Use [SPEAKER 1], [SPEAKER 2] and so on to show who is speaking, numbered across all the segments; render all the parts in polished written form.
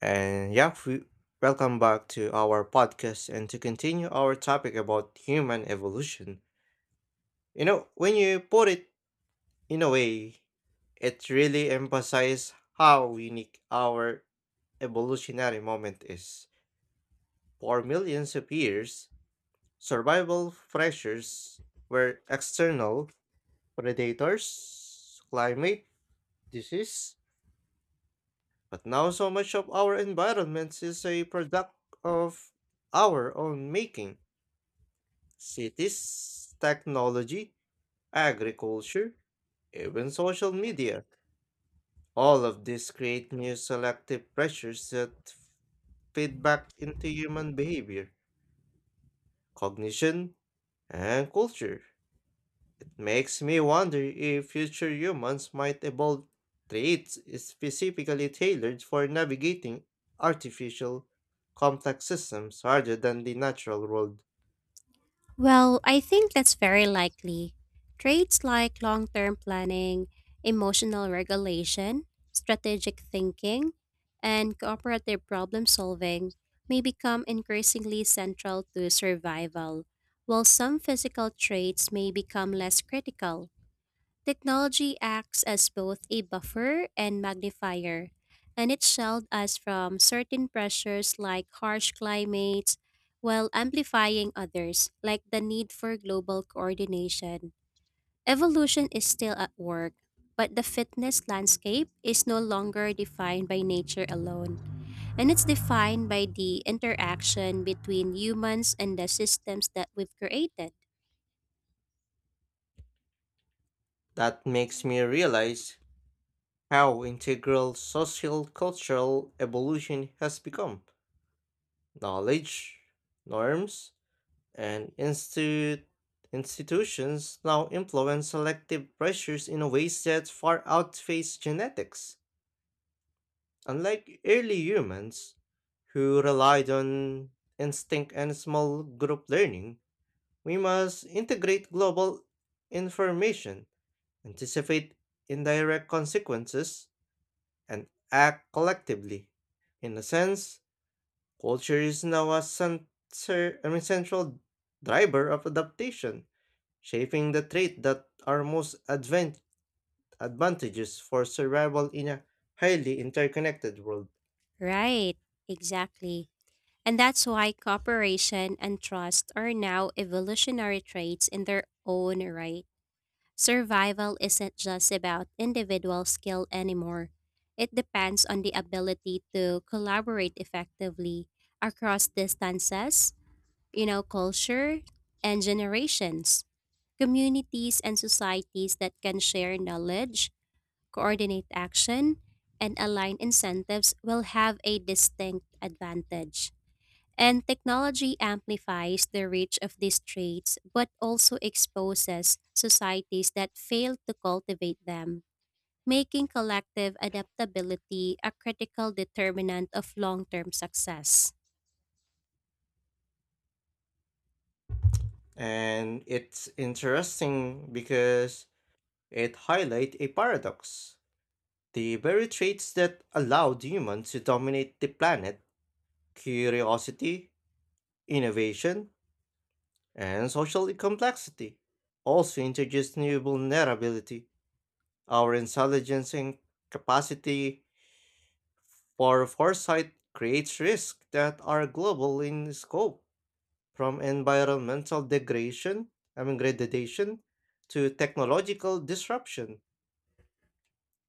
[SPEAKER 1] And yeah, we- Welcome back to our podcast and to continue our topic about human evolution. When you put it in a way, it really emphasizes how unique our evolutionary moment is. For millions of years, survival pressures were external predators, climate, disease, but now so much of our environment is a product of our own making. Cities, technology, agriculture, even social media. All of this create new selective pressures that feed back into human behavior, cognition, and culture. It makes me wonder if future humans might evolve traits specifically tailored for navigating artificial, complex systems rather than the natural world.
[SPEAKER 2] Well, I think that's very likely. Traits like long term planning, emotional regulation, strategic thinking, and cooperative problem solving may become increasingly central to survival, while some physical traits may become less critical. Technology acts as both a buffer and magnifier, and it shields us from certain pressures like harsh climates while amplifying others, like the need for global coordination. Evolution is still at work, but the fitness landscape is no longer defined by nature alone, and it's defined by the interaction between humans and the systems that we've created.
[SPEAKER 1] That makes me realize how integral social cultural evolution has become. Knowledge, norms, and institutions now influence selective pressures in ways that far outpace genetics. Unlike early humans, who relied on instinct and small group learning, we must integrate global information, anticipate indirect consequences, and act collectively. In a sense, culture is now a central driver of adaptation, shaping the traits that are most advantageous for survival in a highly interconnected world.
[SPEAKER 2] Right, exactly. And that's why cooperation and trust are now evolutionary traits in their own right. Survival isn't just about individual skill anymore. It depends on the ability to collaborate effectively across distances, you know, culture, and generations. Communities and societies that can share knowledge, coordinate action, and align incentives will have a distinct advantage. And technology amplifies the reach of these traits but also exposes societies that fail to cultivate them, making collective adaptability a critical determinant of long term success.
[SPEAKER 1] And it's interesting because it highlights a paradox. The very traits that allowed humans to dominate the planet curiosity, innovation, and social complexity also introduce new vulnerability. Our intelligence and capacity for foresight creates risks that are global in scope, from environmental degradation, I mean degradation, to technological disruption.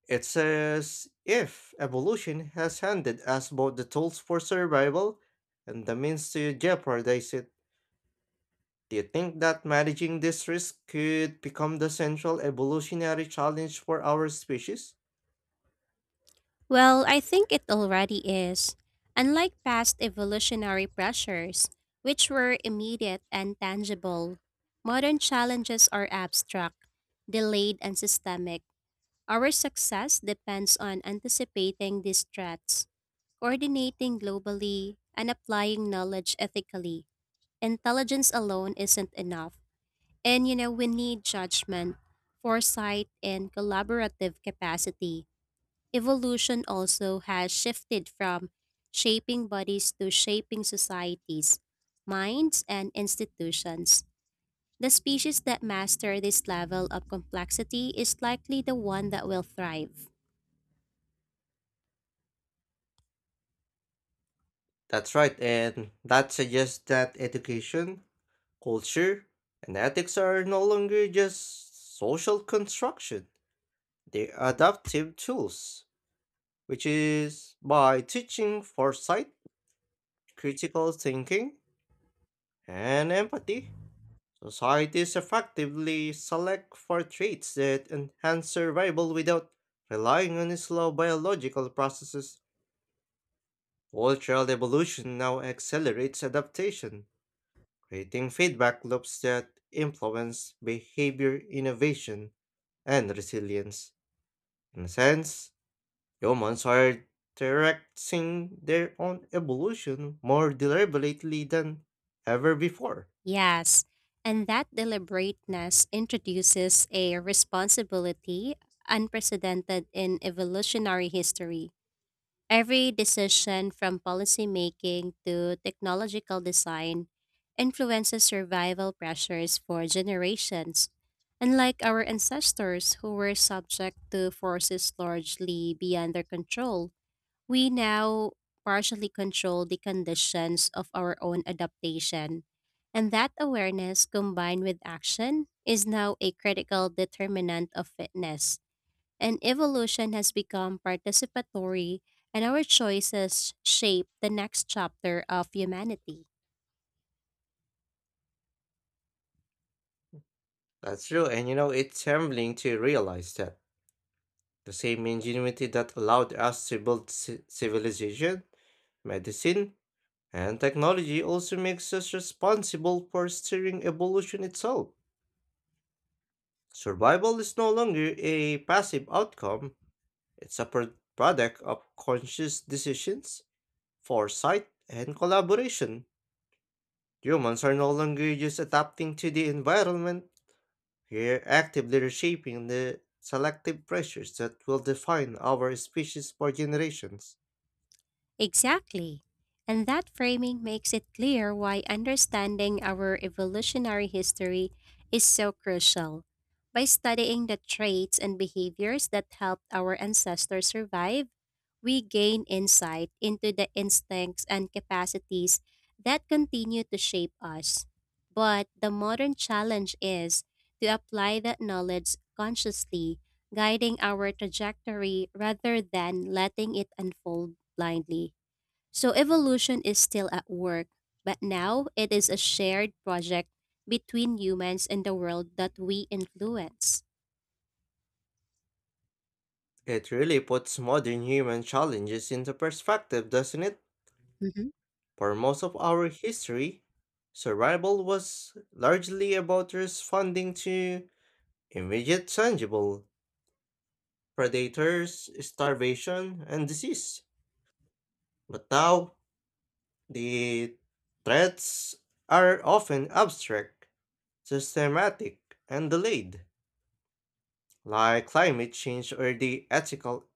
[SPEAKER 1] It's as if evolution has handed us both the tools for survival and the means to jeopardize it. Do you think that managing this risk could become the central evolutionary challenge for our species?
[SPEAKER 2] Well, I think it already is. Unlike past evolutionary pressures, which were immediate and tangible, modern challenges are abstract, delayed, and systemic. Our success depends on anticipating these threats, coordinating globally, and applying knowledge ethically. Intelligence alone isn't enough. And you know, we need judgment, foresight, and collaborative capacity. Evolution also has shifted from shaping bodies to shaping societies, minds, and institutions. The species that master this level of complexity is likely the one that will thrive.
[SPEAKER 1] That's right, and that suggests that education, culture, and ethics are no longer just social construction. They're adaptive tools, which is by teaching foresight, critical thinking, and empathy, societies effectively select for traits that enhance survival without relying on slow biological processes. Cultural evolution now accelerates adaptation, creating feedback loops that influence behavior, innovation, and resilience. In a sense, humans are directing their own evolution more deliberately than ever before.
[SPEAKER 2] Yes, and that deliberateness introduces a responsibility unprecedented in evolutionary history. Every decision from policymaking to technological design influences survival pressures for generations. Unlike our ancestors who were subject to forces largely beyond their control, we now partially control the conditions of our own adaptation. And that awareness combined with action is now a critical determinant of fitness and evolution has become participatory, and our choices shape the next chapter of humanity.
[SPEAKER 1] That's true, and it's humbling to realize that. The same ingenuity that allowed us to build civilization, medicine, and technology also makes us responsible for steering evolution itself. Survival is no longer a passive outcome, it's a product of conscious decisions, foresight, and collaboration. Humans are no longer just adapting to the environment, we're actively reshaping the selective pressures that will define our species for generations.
[SPEAKER 2] Exactly. And that framing makes it clear why understanding our evolutionary history is so crucial. By studying the traits and behaviors that helped our ancestors survive, we gain insight into the instincts and capacities that continue to shape us. But the modern challenge is to apply that knowledge consciously, guiding our trajectory rather than letting it unfold blindly. So evolution is still at work, but now it is a shared project between humans and the world that we influence.
[SPEAKER 1] It really puts modern human challenges into perspective, doesn't it?
[SPEAKER 2] Hmm.
[SPEAKER 1] For most of our history, survival was largely about responding to immediate tangible predators, starvation, and disease. But now, the threats are often abstract, systematic, and delayed, like climate change or the ethical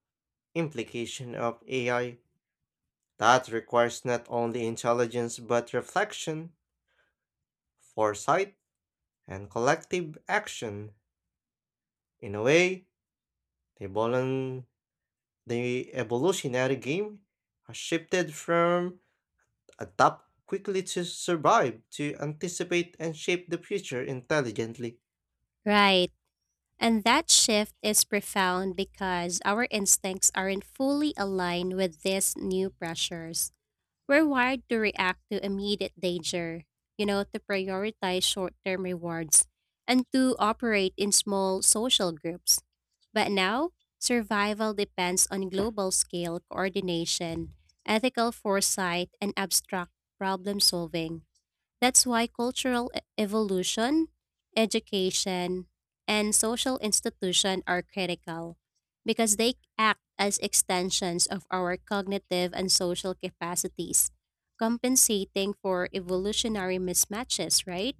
[SPEAKER 1] implication of AI. That requires not only intelligence but reflection, foresight, and collective action. In a way, the, volun- the evolutionary game has shifted from adapt quickly to survive to anticipate and shape the future intelligently.
[SPEAKER 2] Right. And that shift is profound because our instincts aren't fully aligned with these new pressures. We're wired to react to immediate danger, you know, to prioritize short term rewards, and to operate in small social groups. But now, survival depends on global scale coordination, ethical foresight, and abstract problem solving. That's why cultural evolution, education, and social institution are critical because they act as extensions of our cognitive and social capacities, compensating for evolutionary mismatches, right?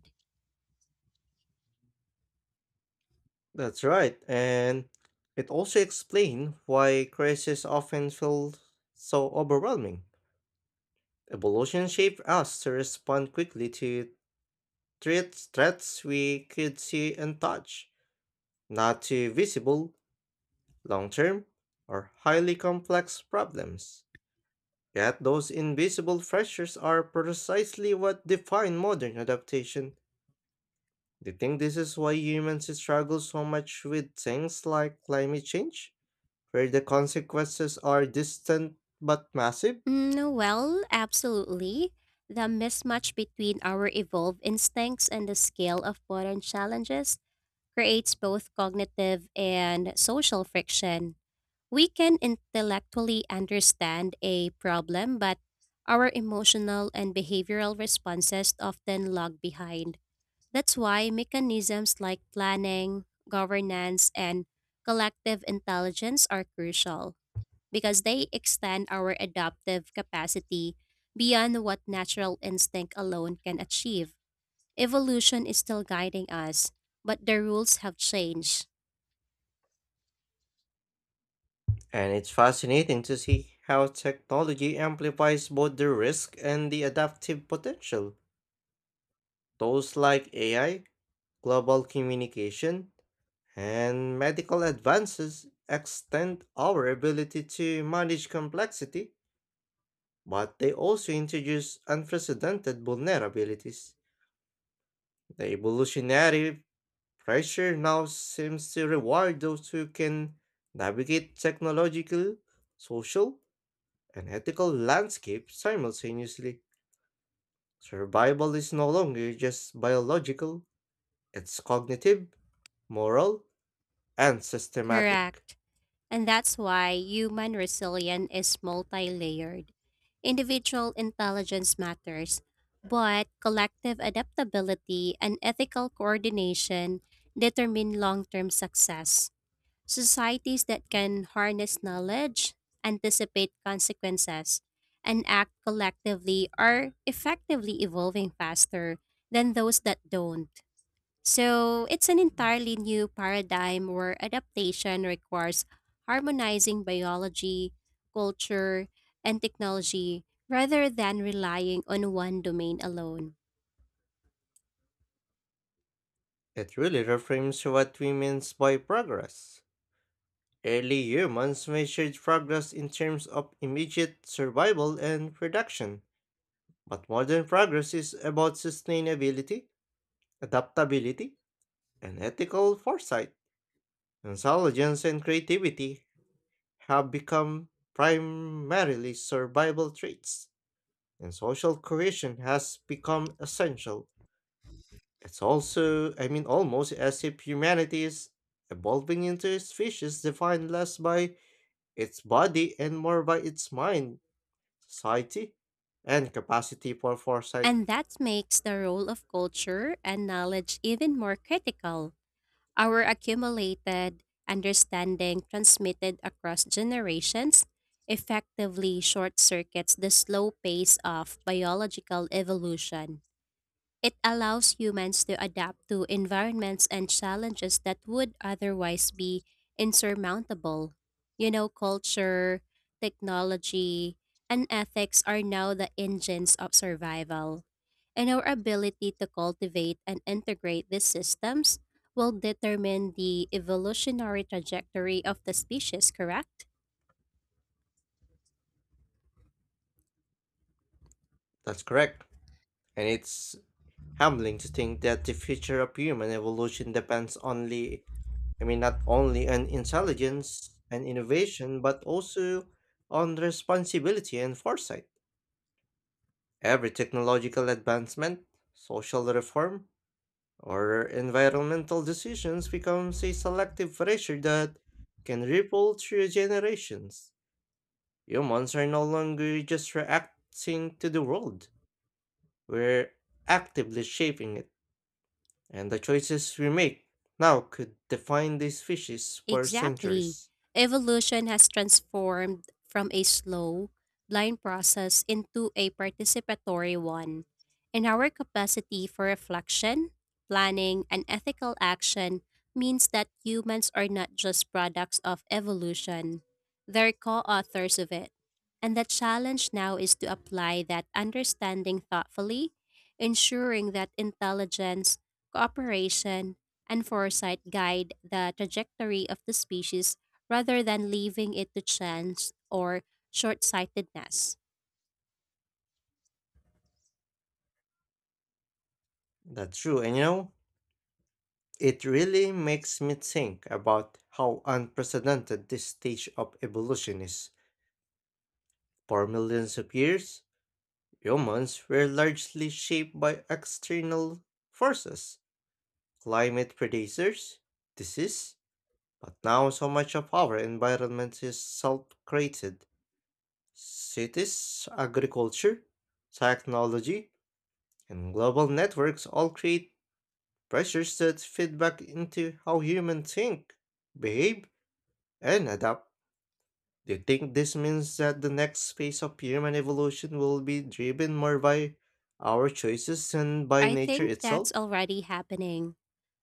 [SPEAKER 1] That's right, and it also explains why crises often feel so overwhelming. Evolution shaped us to respond quickly to threats, threats we could see and touch, not too visible, long term, or highly complex problems. Yet those invisible pressures are precisely what define modern adaptation. Do you think this is why humans struggle so much with things like climate change, where the consequences are distant but massive?
[SPEAKER 2] Mm, well, absolutely. The mismatch between our evolved instincts and the scale of modern challenges creates both cognitive and social friction. We can intellectually understand a problem, but our emotional and behavioral responses often lag behind. That's why mechanisms like planning, governance, and collective intelligence are crucial because they extend our adaptive capacity beyond what natural instinct alone can achieve. Evolution is still guiding us, but the rules have changed.
[SPEAKER 1] And it's fascinating to see how technology amplifies both the risk and the adaptive potential. Tools like AI, global communication, and medical advances extend our ability to manage complexity, but they also introduce unprecedented vulnerabilities. The evolutionary pressure now seems to reward those who can navigate technological, social, and ethical landscapes simultaneously. Survival is no longer just biological, it's cognitive, moral, and systematic.
[SPEAKER 2] Correct. And that's why human resilience is multi layered. Individual intelligence matters, but collective adaptability and ethical coordination determine long term success. Societies that can harness knowledge, anticipate consequences, and act collectively are effectively evolving faster than those that don't. So it's an entirely new paradigm where adaptation requires harmonizing biology, culture, and technology rather than relying on one domain alone.
[SPEAKER 1] It really reframes what we mean by progress. Early humans measured progress in terms of immediate survival and production, but modern progress is about sustainability, adaptability, and ethical foresight. Intelligence and creativity have become primarily survival traits, and social cohesion has become essential. It's almost as if humanity is evolving into a species defined less by its body and more by its mind, society, and capacity for foresight.
[SPEAKER 2] And that makes the role of culture and knowledge even more critical. Our accumulated understanding transmitted across generations effectively short circuits the slow pace of biological evolution. It allows humans to adapt to environments and challenges that would otherwise be insurmountable. You know, culture, technology, and ethics are now the engines of survival. And our ability to cultivate and integrate these systems will determine the evolutionary trajectory of the species, correct?
[SPEAKER 1] That's correct. And it's humbling to think that the future of human evolution depends not only on intelligence and innovation, but also on responsibility and foresight. Every technological advancement, social reform, our environmental decisions becomes a selective pressure that can ripple through generations. Humans are no longer just reacting to the world. We're actively shaping it, and the choices we make now could define these species for
[SPEAKER 2] Exactly.
[SPEAKER 1] centuries.
[SPEAKER 2] Evolution has transformed from a slow, blind process into a participatory one, and our capacity for reflection, planning, and ethical action means that humans are not just products of evolution, they're co authors of it. And the challenge now is to apply that understanding thoughtfully, ensuring that intelligence, cooperation, and foresight guide the trajectory of the species rather than leaving it to chance or short sightedness.
[SPEAKER 1] That's true, and it really makes me think about how unprecedented this stage of evolution is. For millions of years, humans were largely shaped by external forces, climate predators, disease, but now so much of our environment is self created. Cities, agriculture, technology, and global networks all create pressures that feed back into how humans think, behave, and adapt. Do you think this means that the next phase of human evolution will be driven more by our choices than by
[SPEAKER 2] I
[SPEAKER 1] nature
[SPEAKER 2] think
[SPEAKER 1] itself?
[SPEAKER 2] that's already happening.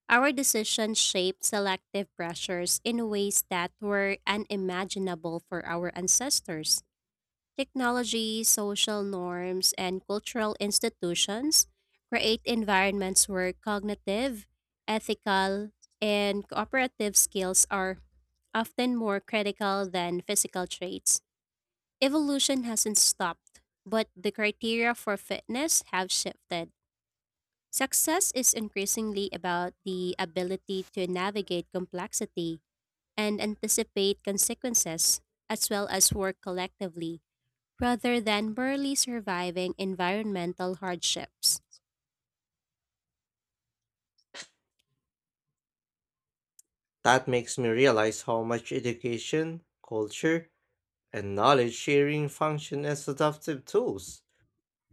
[SPEAKER 2] Our decisions shape selective pressures in ways that were unimaginable for our ancestors. Technology, social norms, and cultural institutions create environments where cognitive, ethical, and cooperative skills are often more critical than physical traits. Evolution hasn't stopped, but the criteria for fitness have shifted. Success is increasingly about the ability to navigate complexity and anticipate consequences, as well as work collectively, rather than merely surviving environmental hardships.
[SPEAKER 1] That makes me realize how much education, culture, and knowledge sharing function as adaptive tools.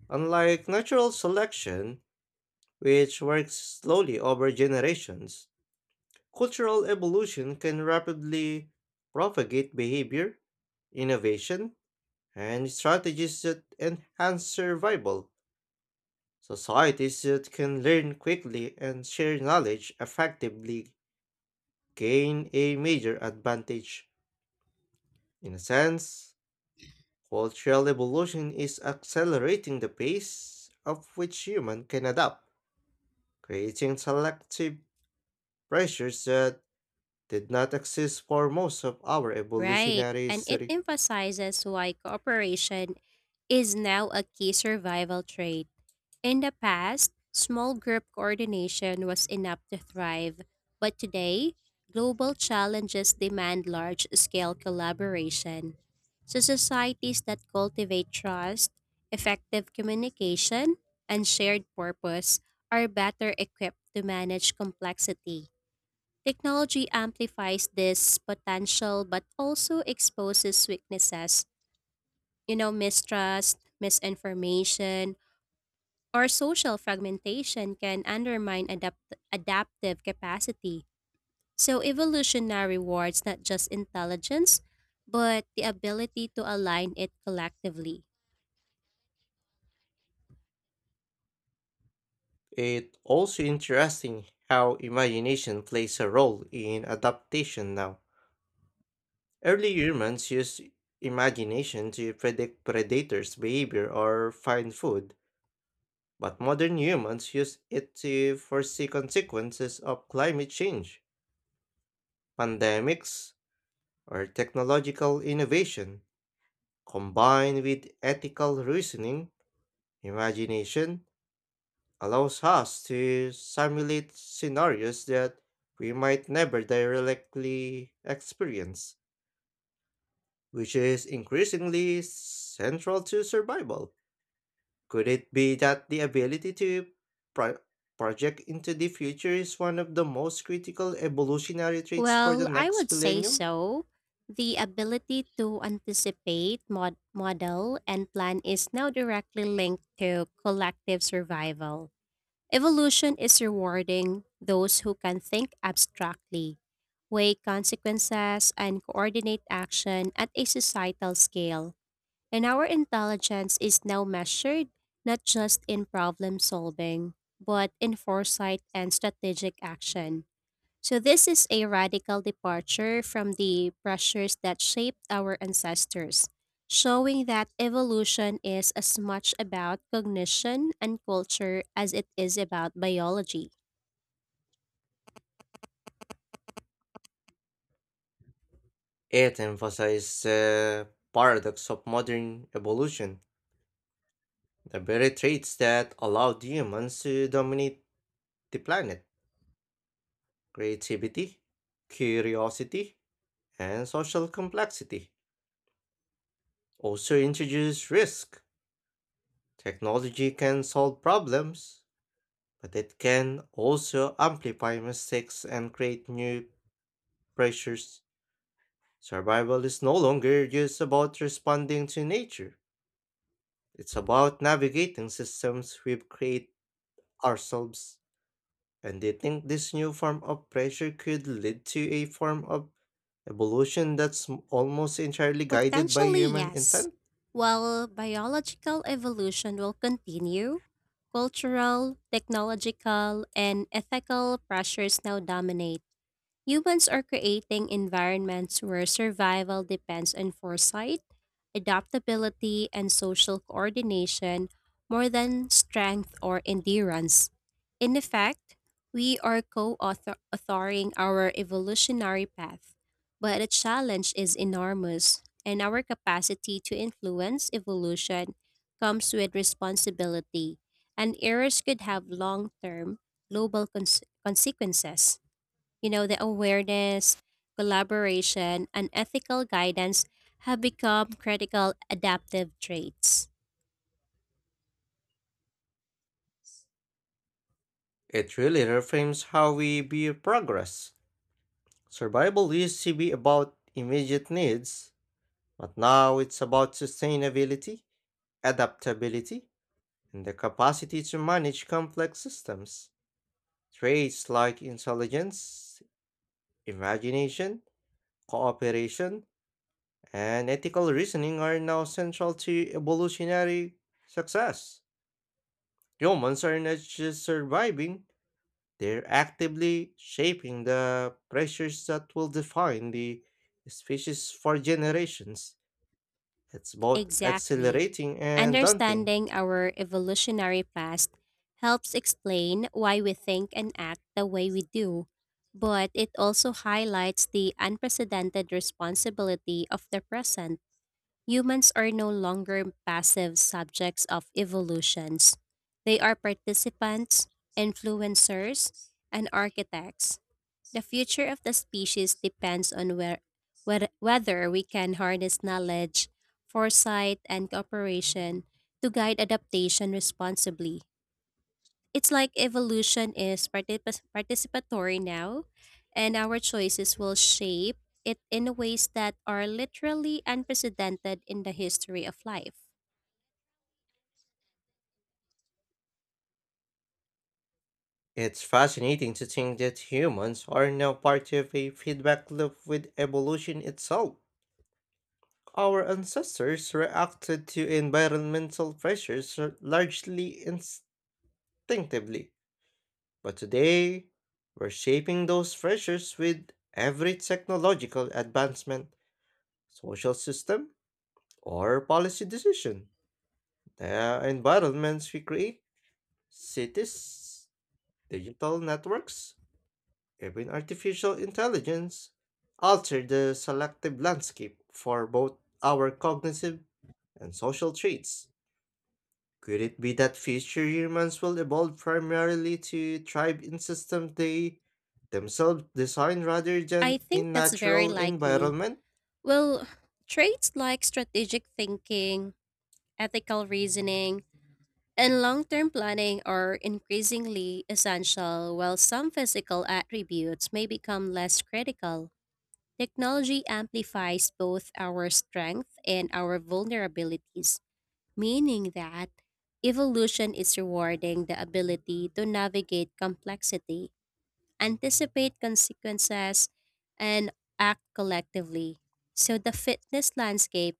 [SPEAKER 1] Unlike natural selection, which works slowly over generations, cultural evolution can rapidly propagate behavior, innovation, and strategies that enhance survival. Societies that can learn quickly and share knowledge effectively gain a major advantage. In a sense, cultural evolution is accelerating the pace of which humans can adapt, creating selective pressures that did not exist for most of our
[SPEAKER 2] Right,
[SPEAKER 1] evolutionary
[SPEAKER 2] and it
[SPEAKER 1] history.
[SPEAKER 2] emphasizes why cooperation is now a key survival trait. In the past, small group coordination was enough to thrive, but today, global challenges demand large scale collaboration. So, societies that cultivate trust, effective communication, and shared purpose are better equipped to manage complexity. Technology amplifies this potential but also exposes weaknesses, you know, mistrust, misinformation, or social fragmentation can undermine adaptive capacity. So, evolution rewards not just intelligence, but the ability to align it collectively.
[SPEAKER 1] It's also interesting how imagination plays a role in adaptation now. Early humans used imagination to predict predators' behavior or find food, but modern humans use it to foresee consequences of climate change, pandemics, or technological innovation. Combined with ethical reasoning, imagination allows us to simulate scenarios that we might never directly experience, which is increasingly central to survival. Could it be that the ability to pro- project into the future is one of the most critical evolutionary traits for the
[SPEAKER 2] Well, I would
[SPEAKER 1] next
[SPEAKER 2] say
[SPEAKER 1] millennium?
[SPEAKER 2] so. The ability to anticipate, model, and plan is now directly linked to collective survival. Evolution is rewarding those who can think abstractly, weigh consequences, and coordinate action at a societal scale. And our intelligence is now measured not just in problem solving, but in foresight and strategic action. So, this is a radical departure from the pressures that shaped our ancestors, showing that evolution is as much about cognition and culture as it is about biology.
[SPEAKER 1] It emphasizes the paradox of modern evolution, the very traits that allowed humans to dominate the planet creativity, curiosity, and social complexity. Also introduce risk. Technology can solve problems, but it can also amplify mistakes and create new pressures. Survival is no longer just about responding to nature, it's about navigating systems we've created ourselves. And they think this new form of pressure could lead to a form of evolution that's almost entirely guided by
[SPEAKER 2] Potentially,
[SPEAKER 1] human
[SPEAKER 2] yes.
[SPEAKER 1] intent.
[SPEAKER 2] While biological evolution will continue, cultural, technological, and ethical pressures now dominate. Humans are creating environments where survival depends on foresight, adaptability, and social coordination more than strength or endurance. In effect, we are co authoring our evolutionary path, but the challenge is enormous, and our capacity to influence evolution comes with responsibility, and errors could have long term global consequences. You know, the awareness, collaboration, and ethical guidance have become critical adaptive traits.
[SPEAKER 1] It really reframes how we view progress. Survival used to be about immediate needs, but now it's about sustainability, adaptability, and the capacity to manage complex systems. Traits like intelligence, imagination, cooperation, and ethical reasoning are now central to evolutionary success. Humans are not just surviving, they're actively shaping the pressures that will define the species for generations. It's both
[SPEAKER 2] Exactly.
[SPEAKER 1] exhilarating and daunting.
[SPEAKER 2] Understanding our evolutionary past helps explain why we think and act the way we do, but it also highlights the unprecedented responsibility of the present. Humans are no longer passive subjects of evolutions. They are participants, influencers, and architects. The future of the species depends on whether we can harness knowledge, foresight, and cooperation to guide adaptation responsibly. It's like evolution is participatory now, and our choices will shape it in ways that are literally unprecedented in the history of life.
[SPEAKER 1] It's fascinating to think that humans are now part of a feedback loop with evolution itself. Our ancestors reacted to environmental pressures largely instinctively, but today we're shaping those pressures with every technological advancement, social system, or policy decision. The environments we create, cities, digital networks, even artificial intelligence alter the selective landscape for both our cognitive and social traits. Could it be that future humans will evolve primarily to thrive in systems they themselves design rather
[SPEAKER 2] I
[SPEAKER 1] than
[SPEAKER 2] think
[SPEAKER 1] in
[SPEAKER 2] that's very
[SPEAKER 1] natural
[SPEAKER 2] likely.
[SPEAKER 1] environment?
[SPEAKER 2] Well, traits like strategic thinking, ethical reasoning, and long term planning are increasingly essential, while some physical attributes may become less critical. Technology amplifies both our strength and our vulnerabilities, meaning that evolution is rewarding the ability to navigate complexity, anticipate consequences, and act collectively. So the fitness landscape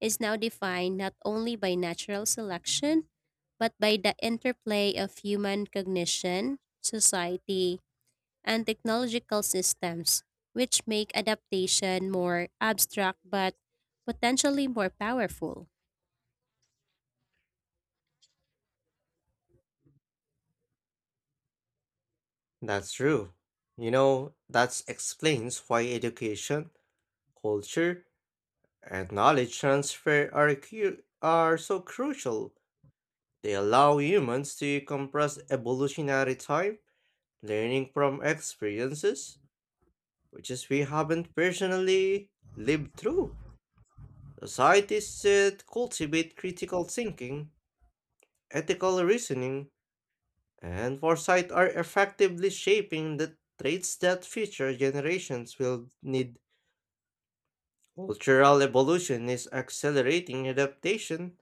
[SPEAKER 2] is now defined not only by natural selection, but by the interplay of human cognition, society, and technological systems, which make adaptation more abstract but potentially more powerful.
[SPEAKER 1] That's true. That explains why education, culture, and knowledge transfer are so crucial. They allow humans to compress evolutionary time, learning from experiences, which is we haven't personally lived through. Societies should cultivate critical thinking, ethical reasoning, and foresight are effectively shaping the traits that future generations will need. Cultural evolution is accelerating adaptation,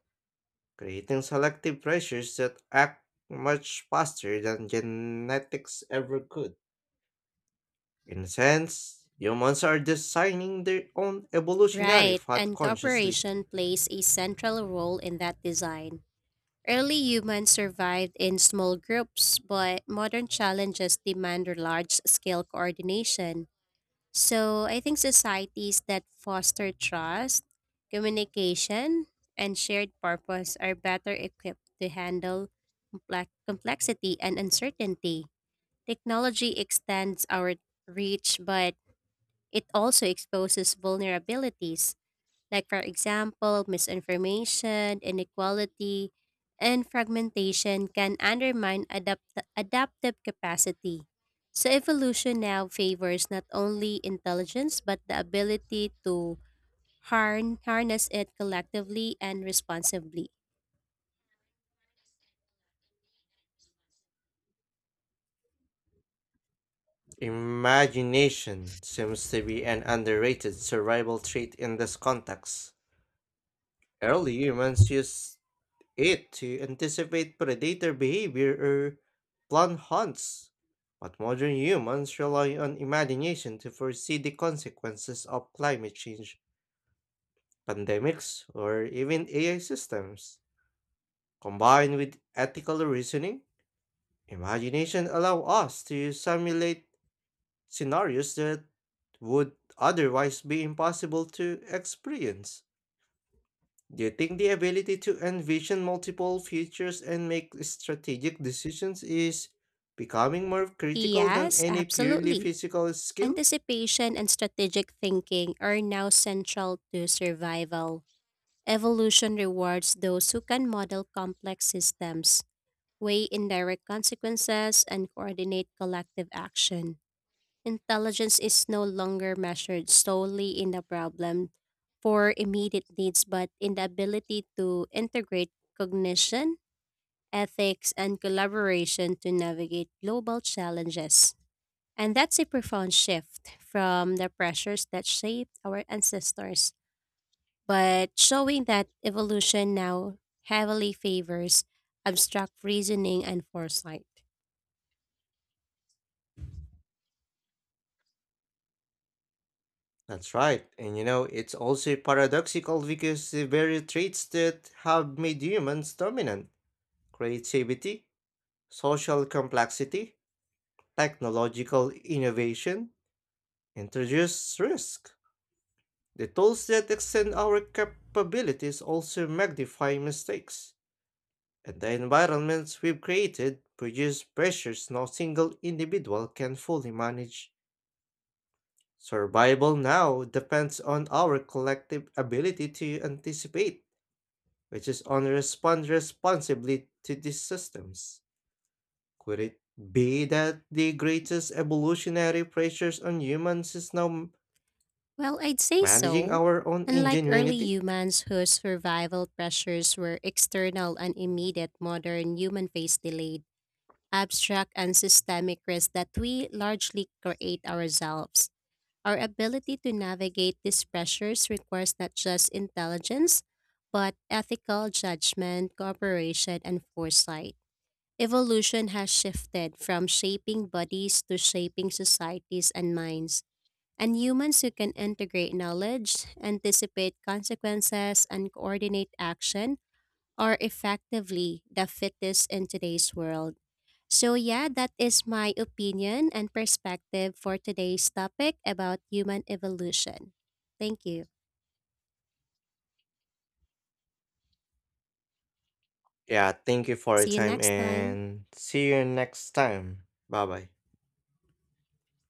[SPEAKER 1] creating selective pressures that act much faster than genetics ever could. In a sense, humans are designing their own evolutionary
[SPEAKER 2] Right,
[SPEAKER 1] path
[SPEAKER 2] and
[SPEAKER 1] consciously.
[SPEAKER 2] cooperation plays a central role in that design. Early humans survived in small groups, but modern challenges demand large scale coordination. So I think societies that foster trust, communication, and shared purpose are better equipped to handle complexity and uncertainty. Technology extends our reach, but it also exposes vulnerabilities like, for example, misinformation, inequality, and fragmentation can undermine adaptive capacity. So, evolution now favors not only intelligence but the ability to harness it collectively and responsibly.
[SPEAKER 1] Imagination seems to be an underrated survival trait in this context. Early humans used it to anticipate predator behavior or plan hunts, but modern humans rely on imagination to foresee the consequences of climate change, pandemics, or even AI systems. Combined with ethical reasoning, imagination allow us to simulate scenarios that would otherwise be impossible to experience. Do you think the ability to envision multiple futures and make strategic decisions is becoming more critical than
[SPEAKER 2] Yes,
[SPEAKER 1] any purely
[SPEAKER 2] absolutely.
[SPEAKER 1] physical skill?
[SPEAKER 2] Anticipation and strategic thinking are now central to survival. Evolution rewards those who can model complex systems, weigh indirect consequences, and coordinate collective action. Intelligence is no longer measured solely in the problem for immediate needs, but in the ability to integrate cognition, ethics, and collaboration to navigate global challenges. And that's a profound shift from the pressures that shaped our ancestors but showing that evolution now heavily favors abstract reasoning and foresight.
[SPEAKER 1] That's right. And it's also paradoxical because the very traits that have made humans dominant creativity, social complexity, technological innovation, introduce risk. The tools that extend our capabilities also magnify mistakes, and the environments we've created produce pressures no single individual can fully manage. Survival now depends on our collective ability to anticipate, which is on respond responsibly to these systems. Could it be that the greatest evolutionary pressures on humans is now
[SPEAKER 2] Well, I'd say
[SPEAKER 1] managing
[SPEAKER 2] so.
[SPEAKER 1] our own
[SPEAKER 2] Unlike early
[SPEAKER 1] ingenuity?
[SPEAKER 2] humans whose survival pressures were external and immediate, modern human face delayed, abstract and systemic risks that we largely create ourselves. Our ability to navigate these pressures requires not just intelligence, but ethical judgment, cooperation, and foresight. Evolution has shifted from shaping bodies to shaping societies and minds, and humans who can integrate knowledge, anticipate consequences, and coordinate action are effectively the fittest in today's world. So, yeah, that is my opinion and perspective for today's topic about human evolution. Thank you.
[SPEAKER 1] Yeah, thank you for your
[SPEAKER 2] See you
[SPEAKER 1] time
[SPEAKER 2] next time.
[SPEAKER 1] and see you next time. Bye bye.